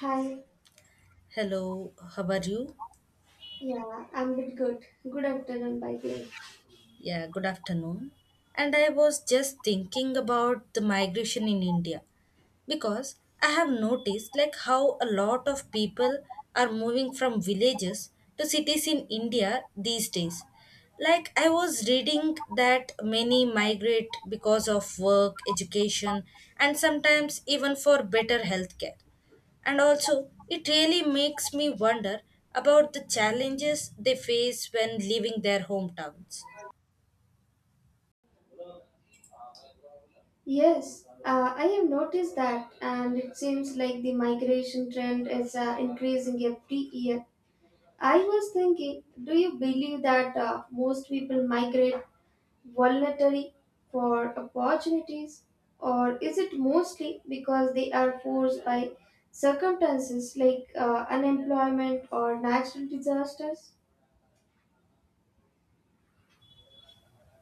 Hi. Hello, how are you? Yeah, I'm a bit good. Good afternoon, by the way. Yeah, good afternoon. And I was just thinking about the migration in India, because I have noticed like how a lot of people are moving from villages to cities in India these days. Like I was reading that many migrate because of work, education, and sometimes even for better healthcare. And also, it really makes me wonder about the challenges they face when leaving their hometowns. Yes, I have noticed that, and it seems like the migration trend is increasing every year. I was thinking, do you believe that most people migrate voluntarily for opportunities, or is it mostly because they are forced by circumstances like unemployment or natural disasters?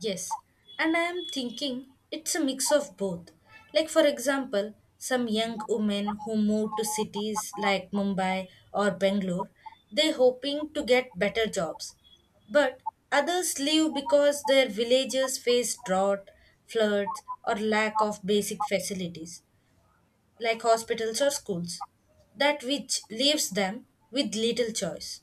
Yes, and I am thinking it's a mix of both. Like, for example, some young women who move to cities like Mumbai or Bangalore, they hoping to get better jobs. But others leave because their villages face drought, floods, or lack of basic facilities like hospitals or schools, that which leaves them with little choice.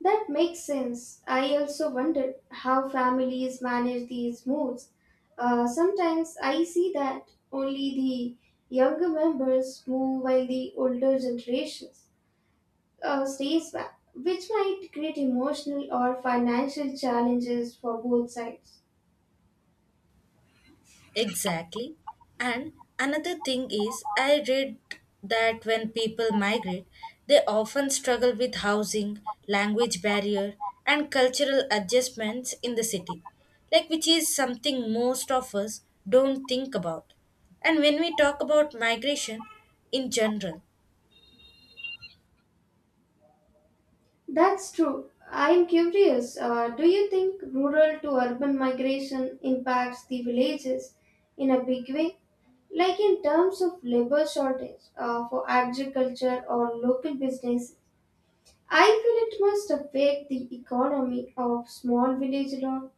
That makes sense. I also wondered how families manage these moves. Sometimes I see that only the younger members move while the older generations stays back, which might create emotional or financial challenges for both sides. Exactly. And another thing is, I read that when people migrate, they often struggle with housing, language barrier, and cultural adjustments in the city, like which is something most of us don't think about. And when we talk about migration in general, That's true. I'm curious. Do you think rural to urban migration impacts the villages in a big way? Like in terms of labor shortage for agriculture or local business? I feel it must affect the economy of small village a lot.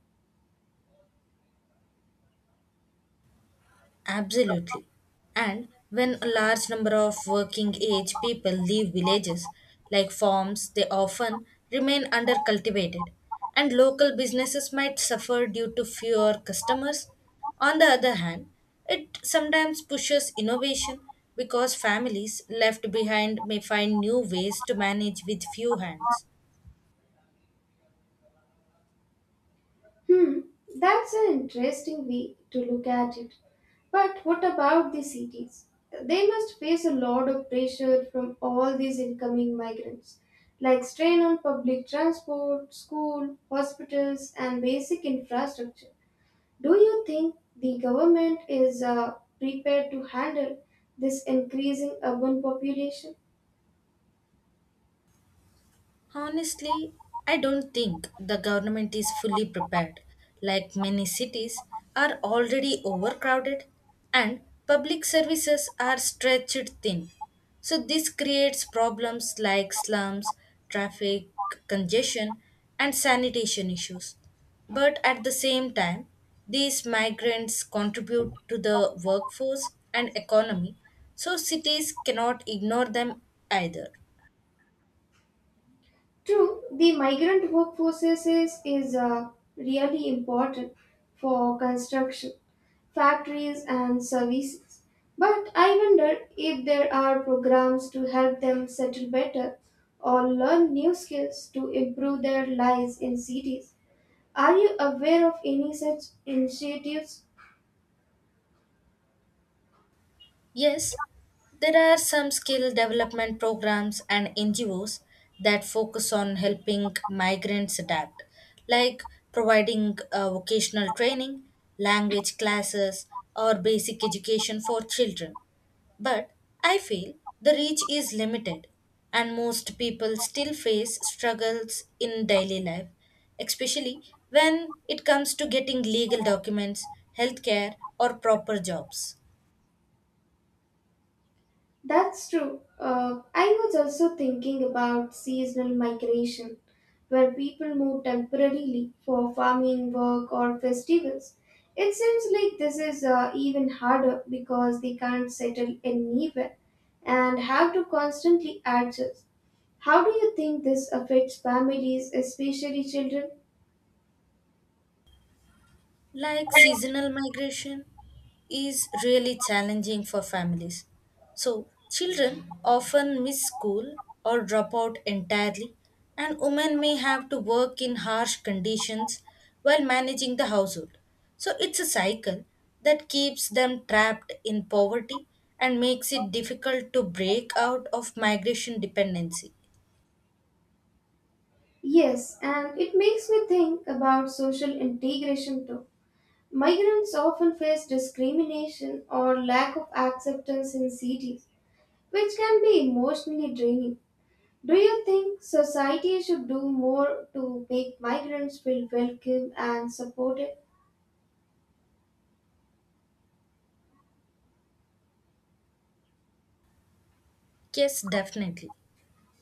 absolutely. And when a large number of working age people leave villages, like farms, they often remain undercultivated, and local businesses might suffer due to fewer customers. On the other hand, it sometimes pushes innovation because families left behind may find new ways to manage with few hands. Hmm, that's an interesting way to look at it. But what about the cities? They must face a lot of pressure from all these incoming migrants, like strain on public transport, school, hospitals, and basic infrastructure. Do you think the government is prepared to handle this increasing urban population? Honestly, I don't think the government is fully prepared. Like many cities are already overcrowded and public services are stretched thin. So this creates problems like slums, traffic congestion, and sanitation issues. But at the same time, these migrants contribute to the workforce and economy, so cities cannot ignore them either. True, the migrant workforces is really important for construction, factories, and services. But I wonder if there are programs to help them settle better or learn new skills to improve their lives in cities. Are you aware of any such initiatives? Yes, there are some skill development programs and NGOs that focus on helping migrants adapt, like providing vocational training, language classes, or basic education for children. But I feel the reach is limited, and most people still face struggles in daily life, especially when it comes to getting legal documents, healthcare, or proper jobs. That's true. I was also thinking about seasonal migration, where people move temporarily for farming work or festivals. It seems like this is even harder because they can't settle anywhere and have to constantly adjust. How do you think this affects families, especially children? Like seasonal migration is really challenging for families. So, children often miss school or drop out entirely, and women may have to work in harsh conditions while managing the household. So, it's a cycle that keeps them trapped in poverty and makes it difficult to break out of migration dependency. Yes, and it makes me think about social integration too. Migrants often face discrimination or lack of acceptance in cities, which can be emotionally draining. Do you think society should do more to make migrants feel welcome and supported? Yes, definitely.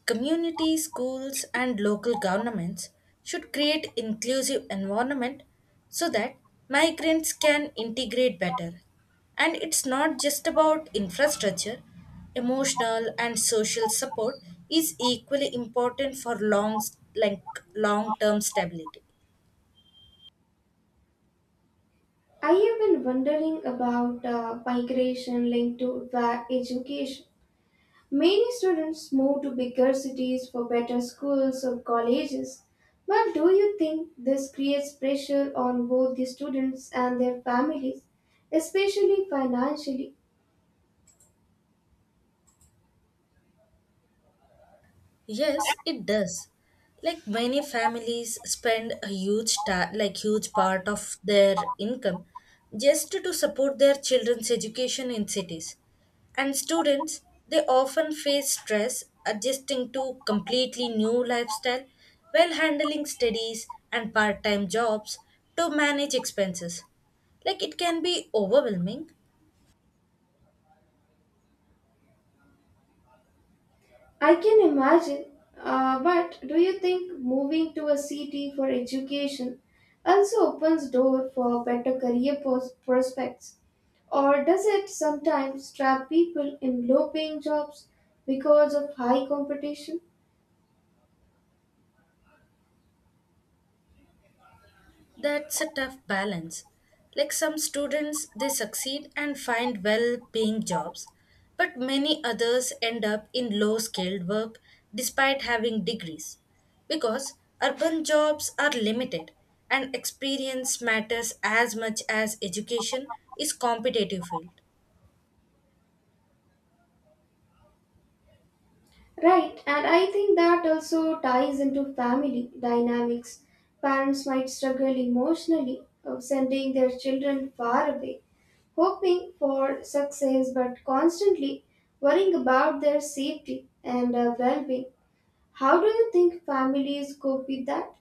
Communities, schools, and local governments should create inclusive environment so that migrants can integrate better. And it's not just about infrastructure, emotional and social support is equally important for long-term stability. I have been wondering about migration linked to education. Many students move to bigger cities for better schools or colleges. But do you think this creates pressure on both the students and their families, especially financially? Yes, it does. Like many families spend a huge ta- like huge part of their income just to support their children's education in cities. And students, they often face stress adjusting to completely new lifestyle while handling studies and part-time jobs to manage expenses. Like it can be overwhelming. I can imagine. But do you think moving to a city for education also opens door for better career prospects? Or does it sometimes trap people in low paying jobs because of high competition? That's a tough balance. Like some students, they succeed and find well paying jobs, but many others end up in low skilled work despite having degrees. Because urban jobs are limited and experience matters as much as education is competitive field. Right, and I think that also ties into family dynamics. Parents might struggle emotionally of sending their children far away, hoping for success but constantly worrying about their safety and well being. How do you think families cope with that?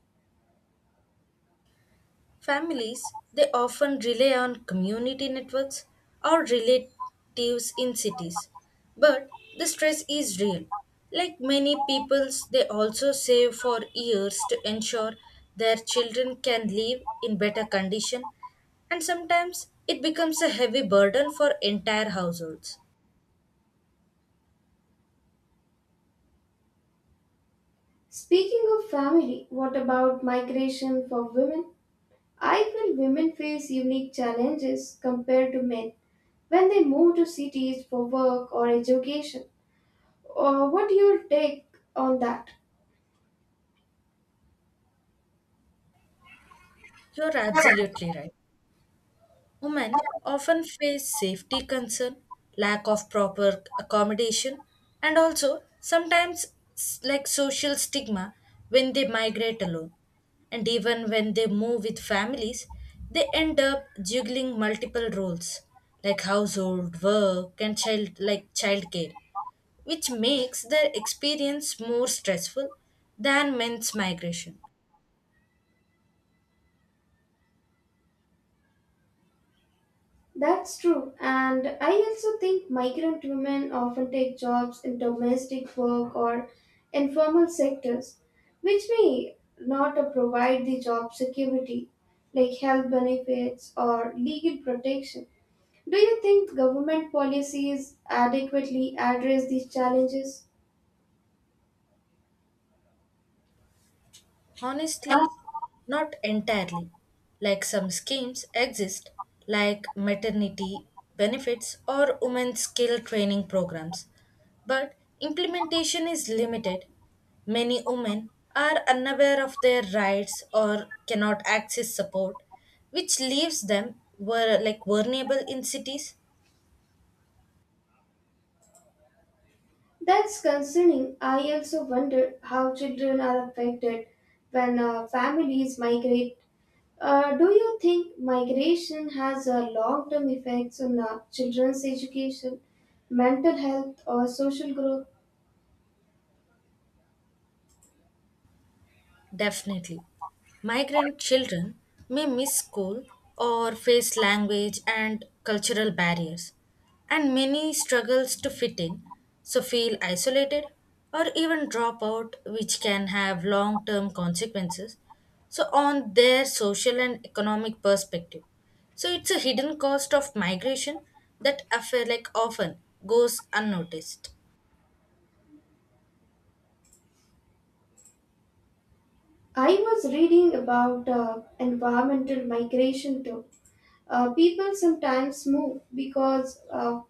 Families, they often rely on community networks or relatives in cities. But the stress is real. Like many peoples, they also save for years to ensure their children can live in better condition, and sometimes it becomes a heavy burden for entire households. Speaking of family, what about migration for women? I feel women face unique challenges compared to men when they move to cities for work or education. What do you take on that? You're absolutely right. Women often face safety concern, lack of proper accommodation, and also sometimes social stigma when they migrate alone. And even when they move with families, they end up juggling multiple roles like household, work, and childcare, which makes their experience more stressful than men's migration. That's true, and I also think migrant women often take jobs in domestic work or informal sectors, which may not provide the job security, like health benefits or legal protection. Do you think government policies adequately address these challenges? Honestly, not entirely. Like some schemes exist, like maternity benefits or women's skill training programs, but implementation is limited. Many women are unaware of their rights or cannot access support, which leaves them were like vulnerable in cities. That's concerning. I also wonder how children are affected when families migrate. Do you think migration has long term effects on children's education, mental health, or social growth? Definitely. Migrant children may miss school or face language and cultural barriers, and many struggles to fit in, so feel isolated or even drop out, which can have long term consequences. So, on their social and economic perspective. So, it's a hidden cost of migration that affair like often goes unnoticed. I was reading about environmental migration too. People sometimes move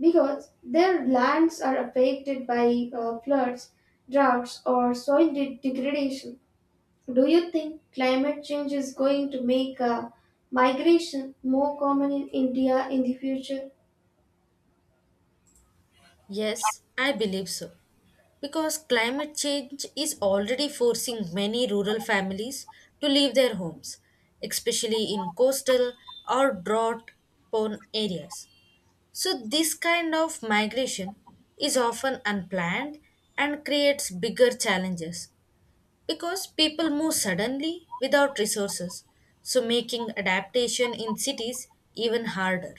because their lands are affected by floods, droughts, or degradation. Do you think climate change is going to make migration more common in India in the future? Yes, I believe so. Because climate change is already forcing many rural families to leave their homes, especially in coastal or drought prone areas. So, this kind of migration is often unplanned and creates bigger challenges because people move suddenly without resources, so making adaptation in cities even harder.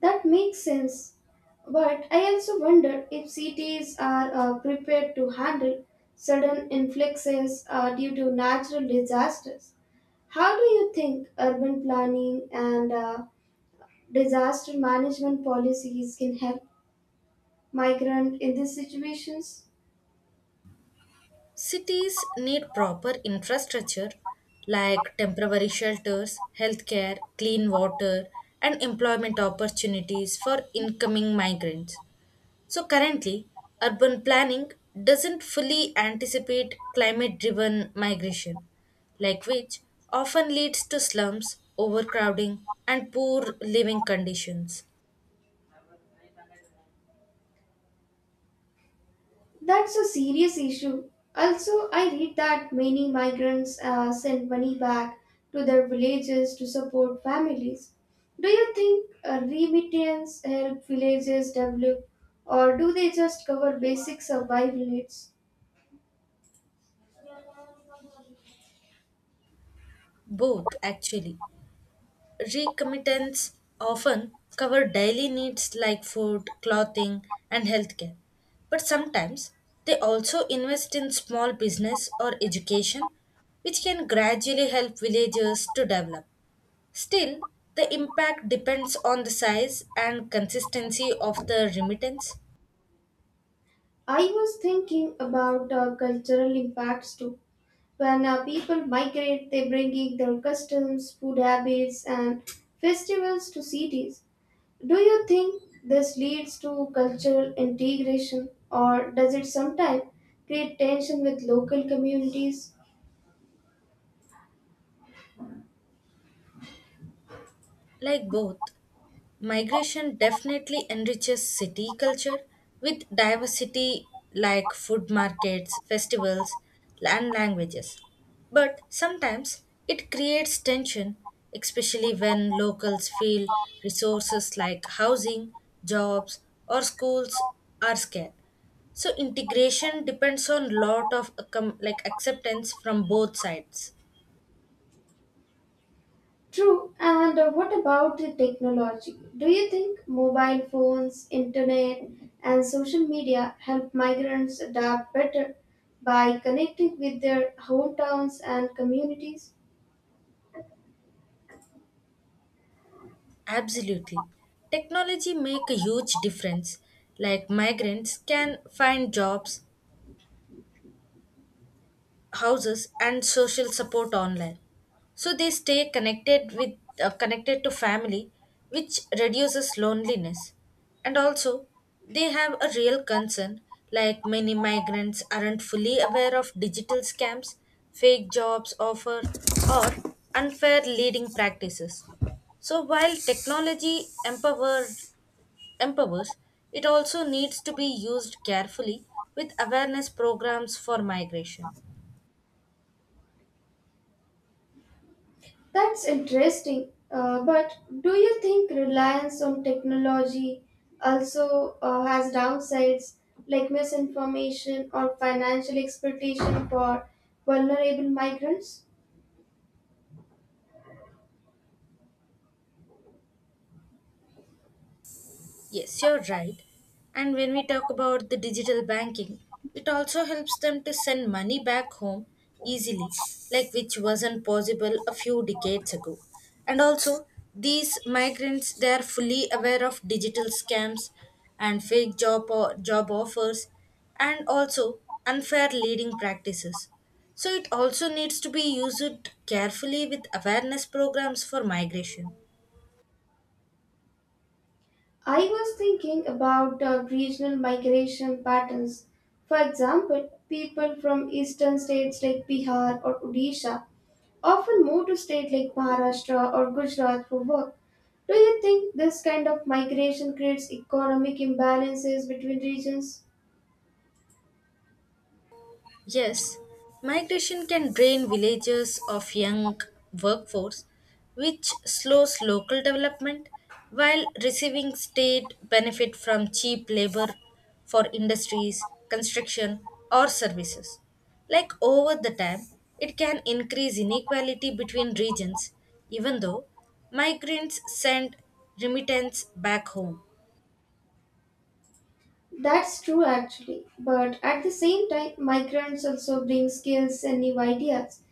That makes sense. But I also wonder if cities are prepared to handle sudden influxes due to natural disasters. How do you think urban planning and disaster management policies can help migrant in these situations? Cities need proper infrastructure like temporary shelters, healthcare, clean water, and employment opportunities for incoming migrants. So, currently, urban planning doesn't fully anticipate climate driven migration, like which often leads to slums, overcrowding, and poor living conditions. That's a serious issue. Also, I read that many migrants send money back to their villages to support families. Do you think remittance help villages develop, or do they just cover basic survival needs? Both, actually. Recommittance often cover daily needs like food, clothing, and healthcare. But sometimes they also invest in small business or education, which can gradually help villages to develop. Still, the impact depends on the size and consistency of the remittance. I was thinking about cultural impacts too. When people migrate, they bring in their customs, food habits, and festivals to cities. Do you think this leads to cultural integration or does it sometimes create tension with local communities? Like both, migration definitely enriches city culture with diversity like food markets, festivals, and languages. But sometimes it creates tension, especially when locals feel resources like housing, jobs, or schools are scarce. So integration depends on lot of acceptance from both sides. True, and what about the technology? Do you think mobile phones, internet, and social media help migrants adapt better by connecting with their hometowns and communities? Absolutely. Technology make a huge difference. Like migrants can find jobs, houses, and social support online. So they stay connected to family, which reduces loneliness. And also, they have a real concern, like many migrants aren't fully aware of digital scams, fake jobs offer, or unfair leading practices. So while technology empowers, it also needs to be used carefully with awareness programs for migration. That's interesting. But do you think reliance on technology also has downsides like misinformation or financial exploitation for vulnerable migrants? Yes, you're right. And when we talk about the digital banking, it also helps them to send money back home easily, like which wasn't possible a few decades ago. And also, these migrants they are fully aware of digital scams and fake job offers, and also unfair leading practices. So it also needs to be used carefully with awareness programs for migration. I was thinking about regional migration patterns. For example, people from eastern states like Bihar or Odisha often move to states like Maharashtra or Gujarat for work. Do you think this kind of migration creates economic imbalances between regions? Yes, migration can drain villages of young workforce, which slows local development while receiving state benefit from cheap labor for industries, construction, or services. Like over the time, it can increase inequality between regions, even though migrants send remittance back home. That's true actually, but at the same time, migrants also bring skills and new ideas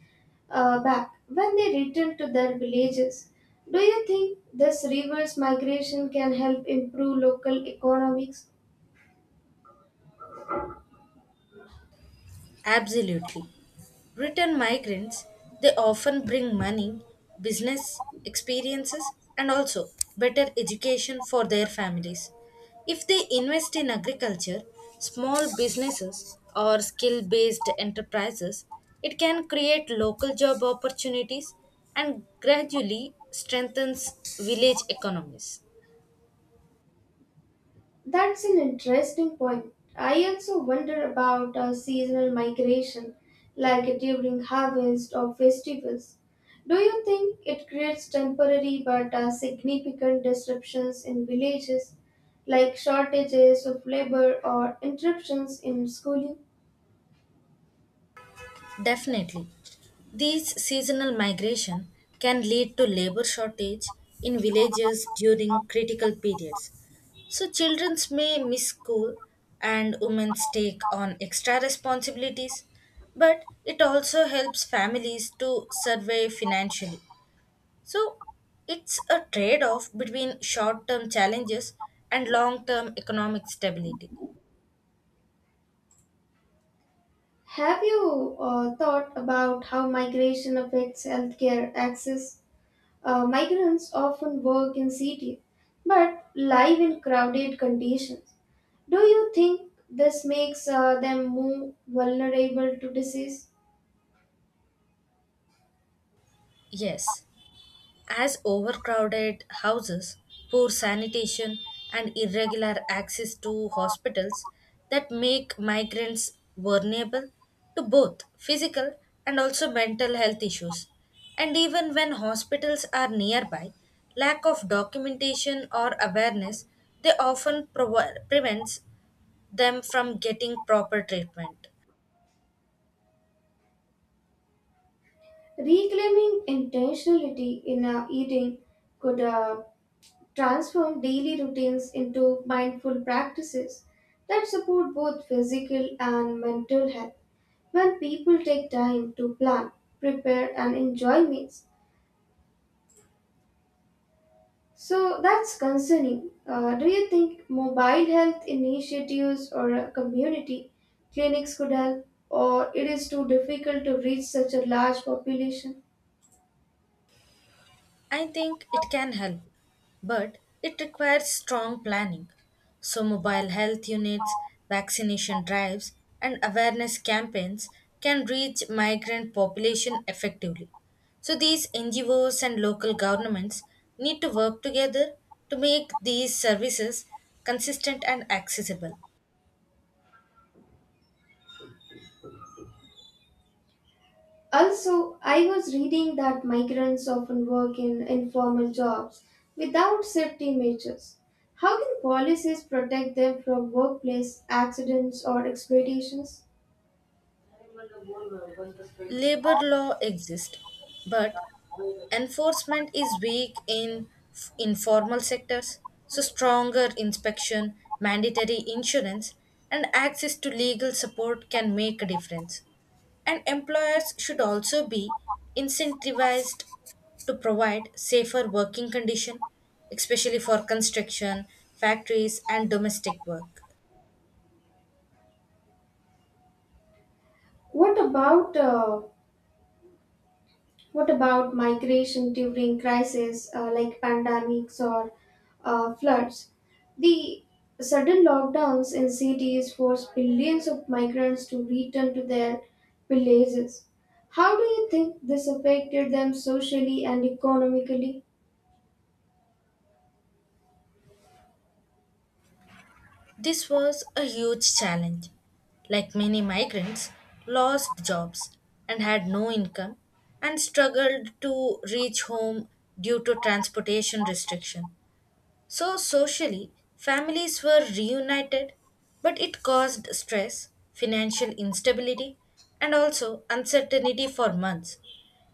back when they return to their villages. Do you think this reverse migration can help improve local economics? Absolutely. Return migrants, they often bring money, business experiences, and also better education for their families. If they invest in agriculture, small businesses, or skill based enterprises, it can create local job opportunities and gradually strengthens village economies. That's an interesting point. I also wonder about seasonal migration, like during harvest or festivals. Do you think it creates temporary but significant disruptions in villages, like shortages of labor or interruptions in schooling? Definitely. These seasonal migration can lead to labor shortage in villages during critical periods. So children may miss school and women take on extra responsibilities, but it also helps families to survive financially. So it's a trade-off between short-term challenges and long-term economic stability. Have you thought about how migration affects healthcare access? Migrants often work in cities but live in crowded conditions. Do you think this makes them more vulnerable to disease? Yes. As overcrowded houses, poor sanitation, and irregular access to hospitals that make migrants vulnerable to both physical and also mental health issues. And even when hospitals are nearby, lack of documentation or awareness they often prevents them from getting proper treatment. Reclaiming intentionality in our eating could transform daily routines into mindful practices that support both physical and mental health. When people take time to plan, prepare, and enjoy meals, so that's concerning. Do you think mobile health initiatives or community clinics could help, or it is too difficult to reach such a large population? I think it can help, but it requires strong planning. So, mobile health units, vaccination drives, and awareness campaigns can reach migrant population effectively. So, these NGOs and local governments need to work together to make these services consistent and accessible. Also, I was reading that migrants often work in informal jobs without safety measures. How can policies protect them from workplace accidents or exploitations? Labor law exists, but enforcement is weak in informal sectors, so stronger inspection, mandatory insurance, and access to legal support can make a difference. And employers should also be incentivized to provide safer working conditions, especially for construction, factories, and domestic work. What about migration during crises like pandemics or floods? The sudden lockdowns in cities forced billions of migrants to return to their villages. How do you think this affected them socially and economically? This was a huge challenge. Like many migrants, lost jobs and had no income and struggled to reach home due to transportation restriction. So socially, families were reunited, but it caused stress, financial instability, and also uncertainty for months,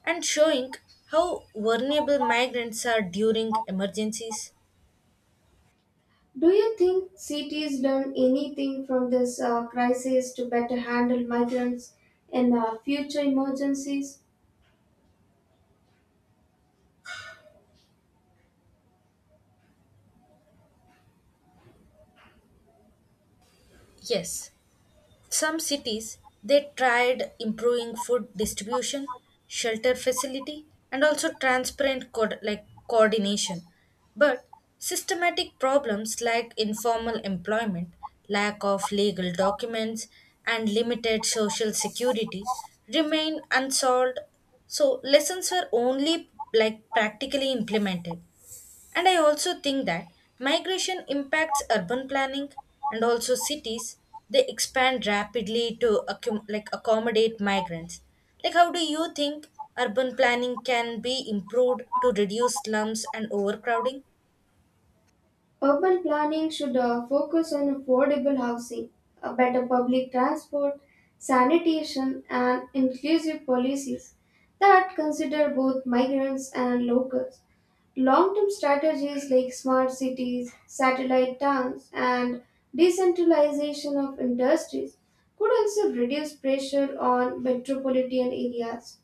and showing how vulnerable migrants are during emergencies. Do you think cities learn anything from this crisis to better handle migrants in future emergencies? Yes, some cities they tried improving food distribution, shelter facility, and also transparent coordination. But systematic problems like informal employment, lack of legal documents, and limited social security remain unsolved. So lessons were only like practically implemented. And I also think that migration impacts urban planning and also cities. They expand rapidly to accommodate migrants. Like, how do you think urban planning can be improved to reduce slums and overcrowding? Urban planning should focus on affordable housing, a better public transport, sanitation, and inclusive policies that consider both migrants and locals. Long term strategies like smart cities, satellite towns, and decentralization of industries could also reduce pressure on metropolitan areas.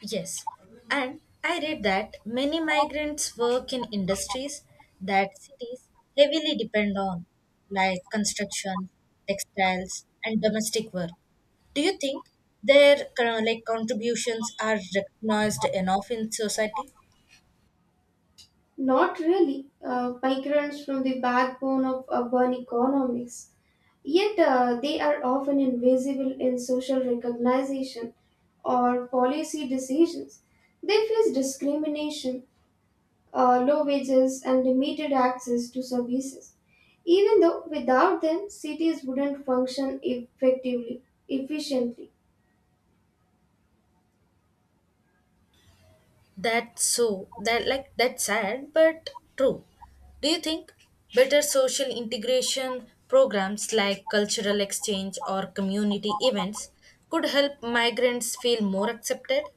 Yes, and I read that many migrants work in industries that cities heavily depend on, like construction, textiles, and domestic work. Do you think their kind like contributions are recognized enough in society? Not really. Migrants from the backbone of urban economics, yet they are often invisible in social recognition or policy decisions. They face discrimination, low wages, and limited access to services. Even though without them, cities wouldn't function effectively, efficiently. That's so that like that's sad but true. Do you think better social integration programs like cultural exchange or community events could help migrants feel more accepted?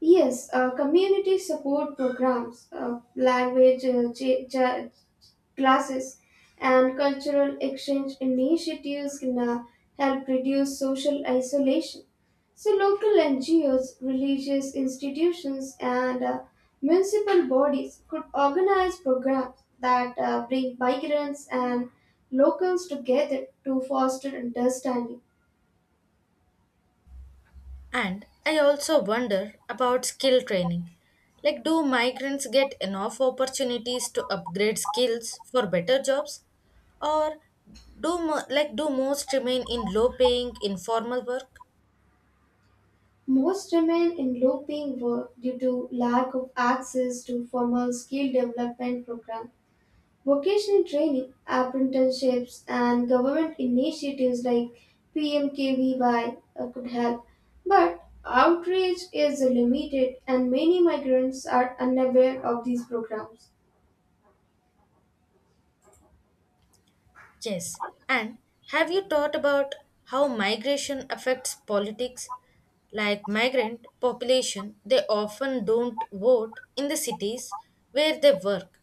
Yes, community support programs, language classes, and cultural exchange initiatives can help reduce social isolation. So, local NGOs, religious institutions, and municipal bodies could organize programs that bring migrants and locals together to foster understanding. And I also wonder about skill training. Like do migrants get enough opportunities to upgrade skills for better jobs? Or do do most remain in low paying informal work? Most remain in low paying work due to lack of access to formal skill development programs. Vocational training, apprenticeships, and government initiatives like PMKVY could help. But outreach is limited, and many migrants are unaware of these programs. Yes. And have you thought about how migration affects politics? Like migrant population, they often don't vote in the cities where they work.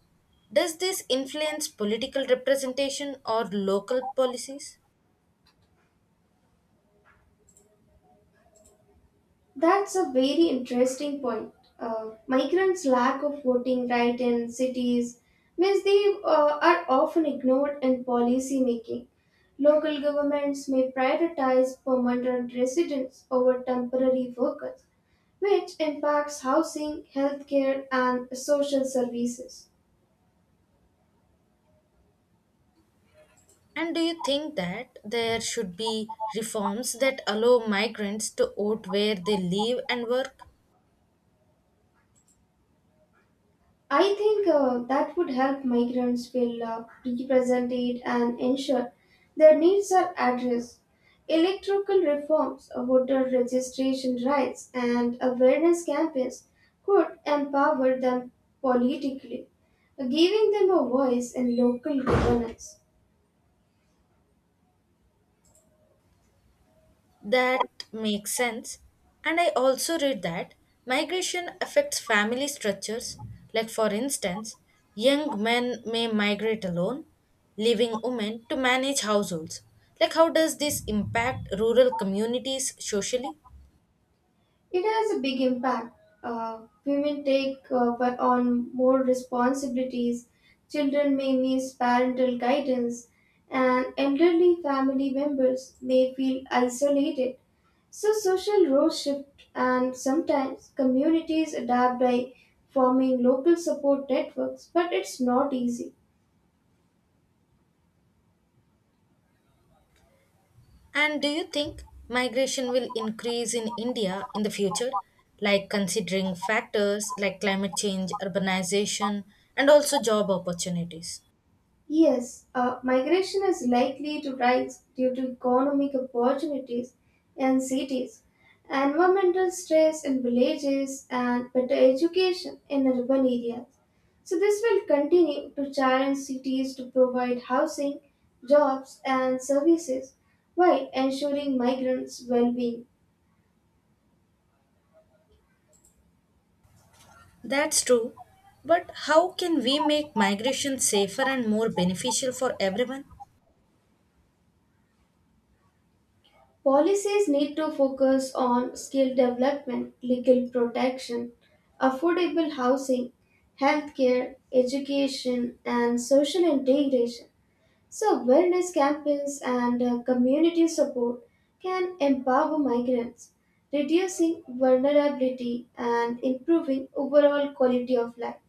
Does this influence political representation or local policies? That's a very interesting point. Migrants' lack of voting right in cities means they are often ignored in policy making. Local governments may prioritize permanent residents over temporary workers, which impacts housing, healthcare, and social services. And do you think that there should be reforms that allow migrants to vote where they live and work? I think that would help migrants feel represented and ensure their needs are addressed. Electoral reforms, voter registration rights, and awareness campaigns could empower them politically, giving them a voice in local governance. That makes sense. And I also read that migration affects family structures. Like, for instance, young men may migrate alone, leaving women to manage households. Like, how does this impact rural communities socially? It has a big impact. Women take but on more responsibilities, children may miss parental guidance, and elderly family members may feel isolated. So, social roles shift, and sometimes communities adapt by forming local support networks, but it's not easy. And do you think migration will increase in India in the future? Like, considering factors like climate change, urbanization, and also job opportunities. Yes, migration is likely to rise due to economic opportunities in cities, environmental stress in villages, and better education in urban areas. So, this will continue to challenge cities to provide housing, jobs, and services while ensuring migrants' well being. That's true. But how can we make migration safer and more beneficial for everyone? Policies need to focus on skill development, legal protection, affordable housing, healthcare, education, and social integration. So, wellness campaigns and community support can empower migrants, reducing vulnerability and improving overall quality of life.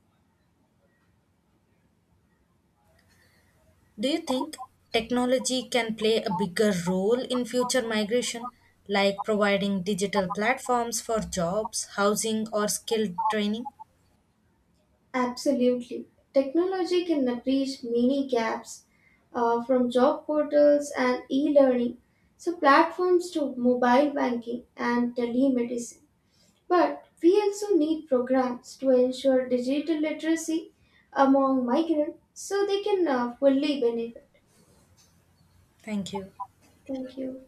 Do you think technology can play a bigger role in future migration, like providing digital platforms for jobs, housing, or skill training? Absolutely. Technology can bridge many gaps from job portals and e learning, so platforms to mobile banking and telemedicine. But we also need programs to ensure digital literacy among migrants so they can fully benefit. Thank you. Thank you.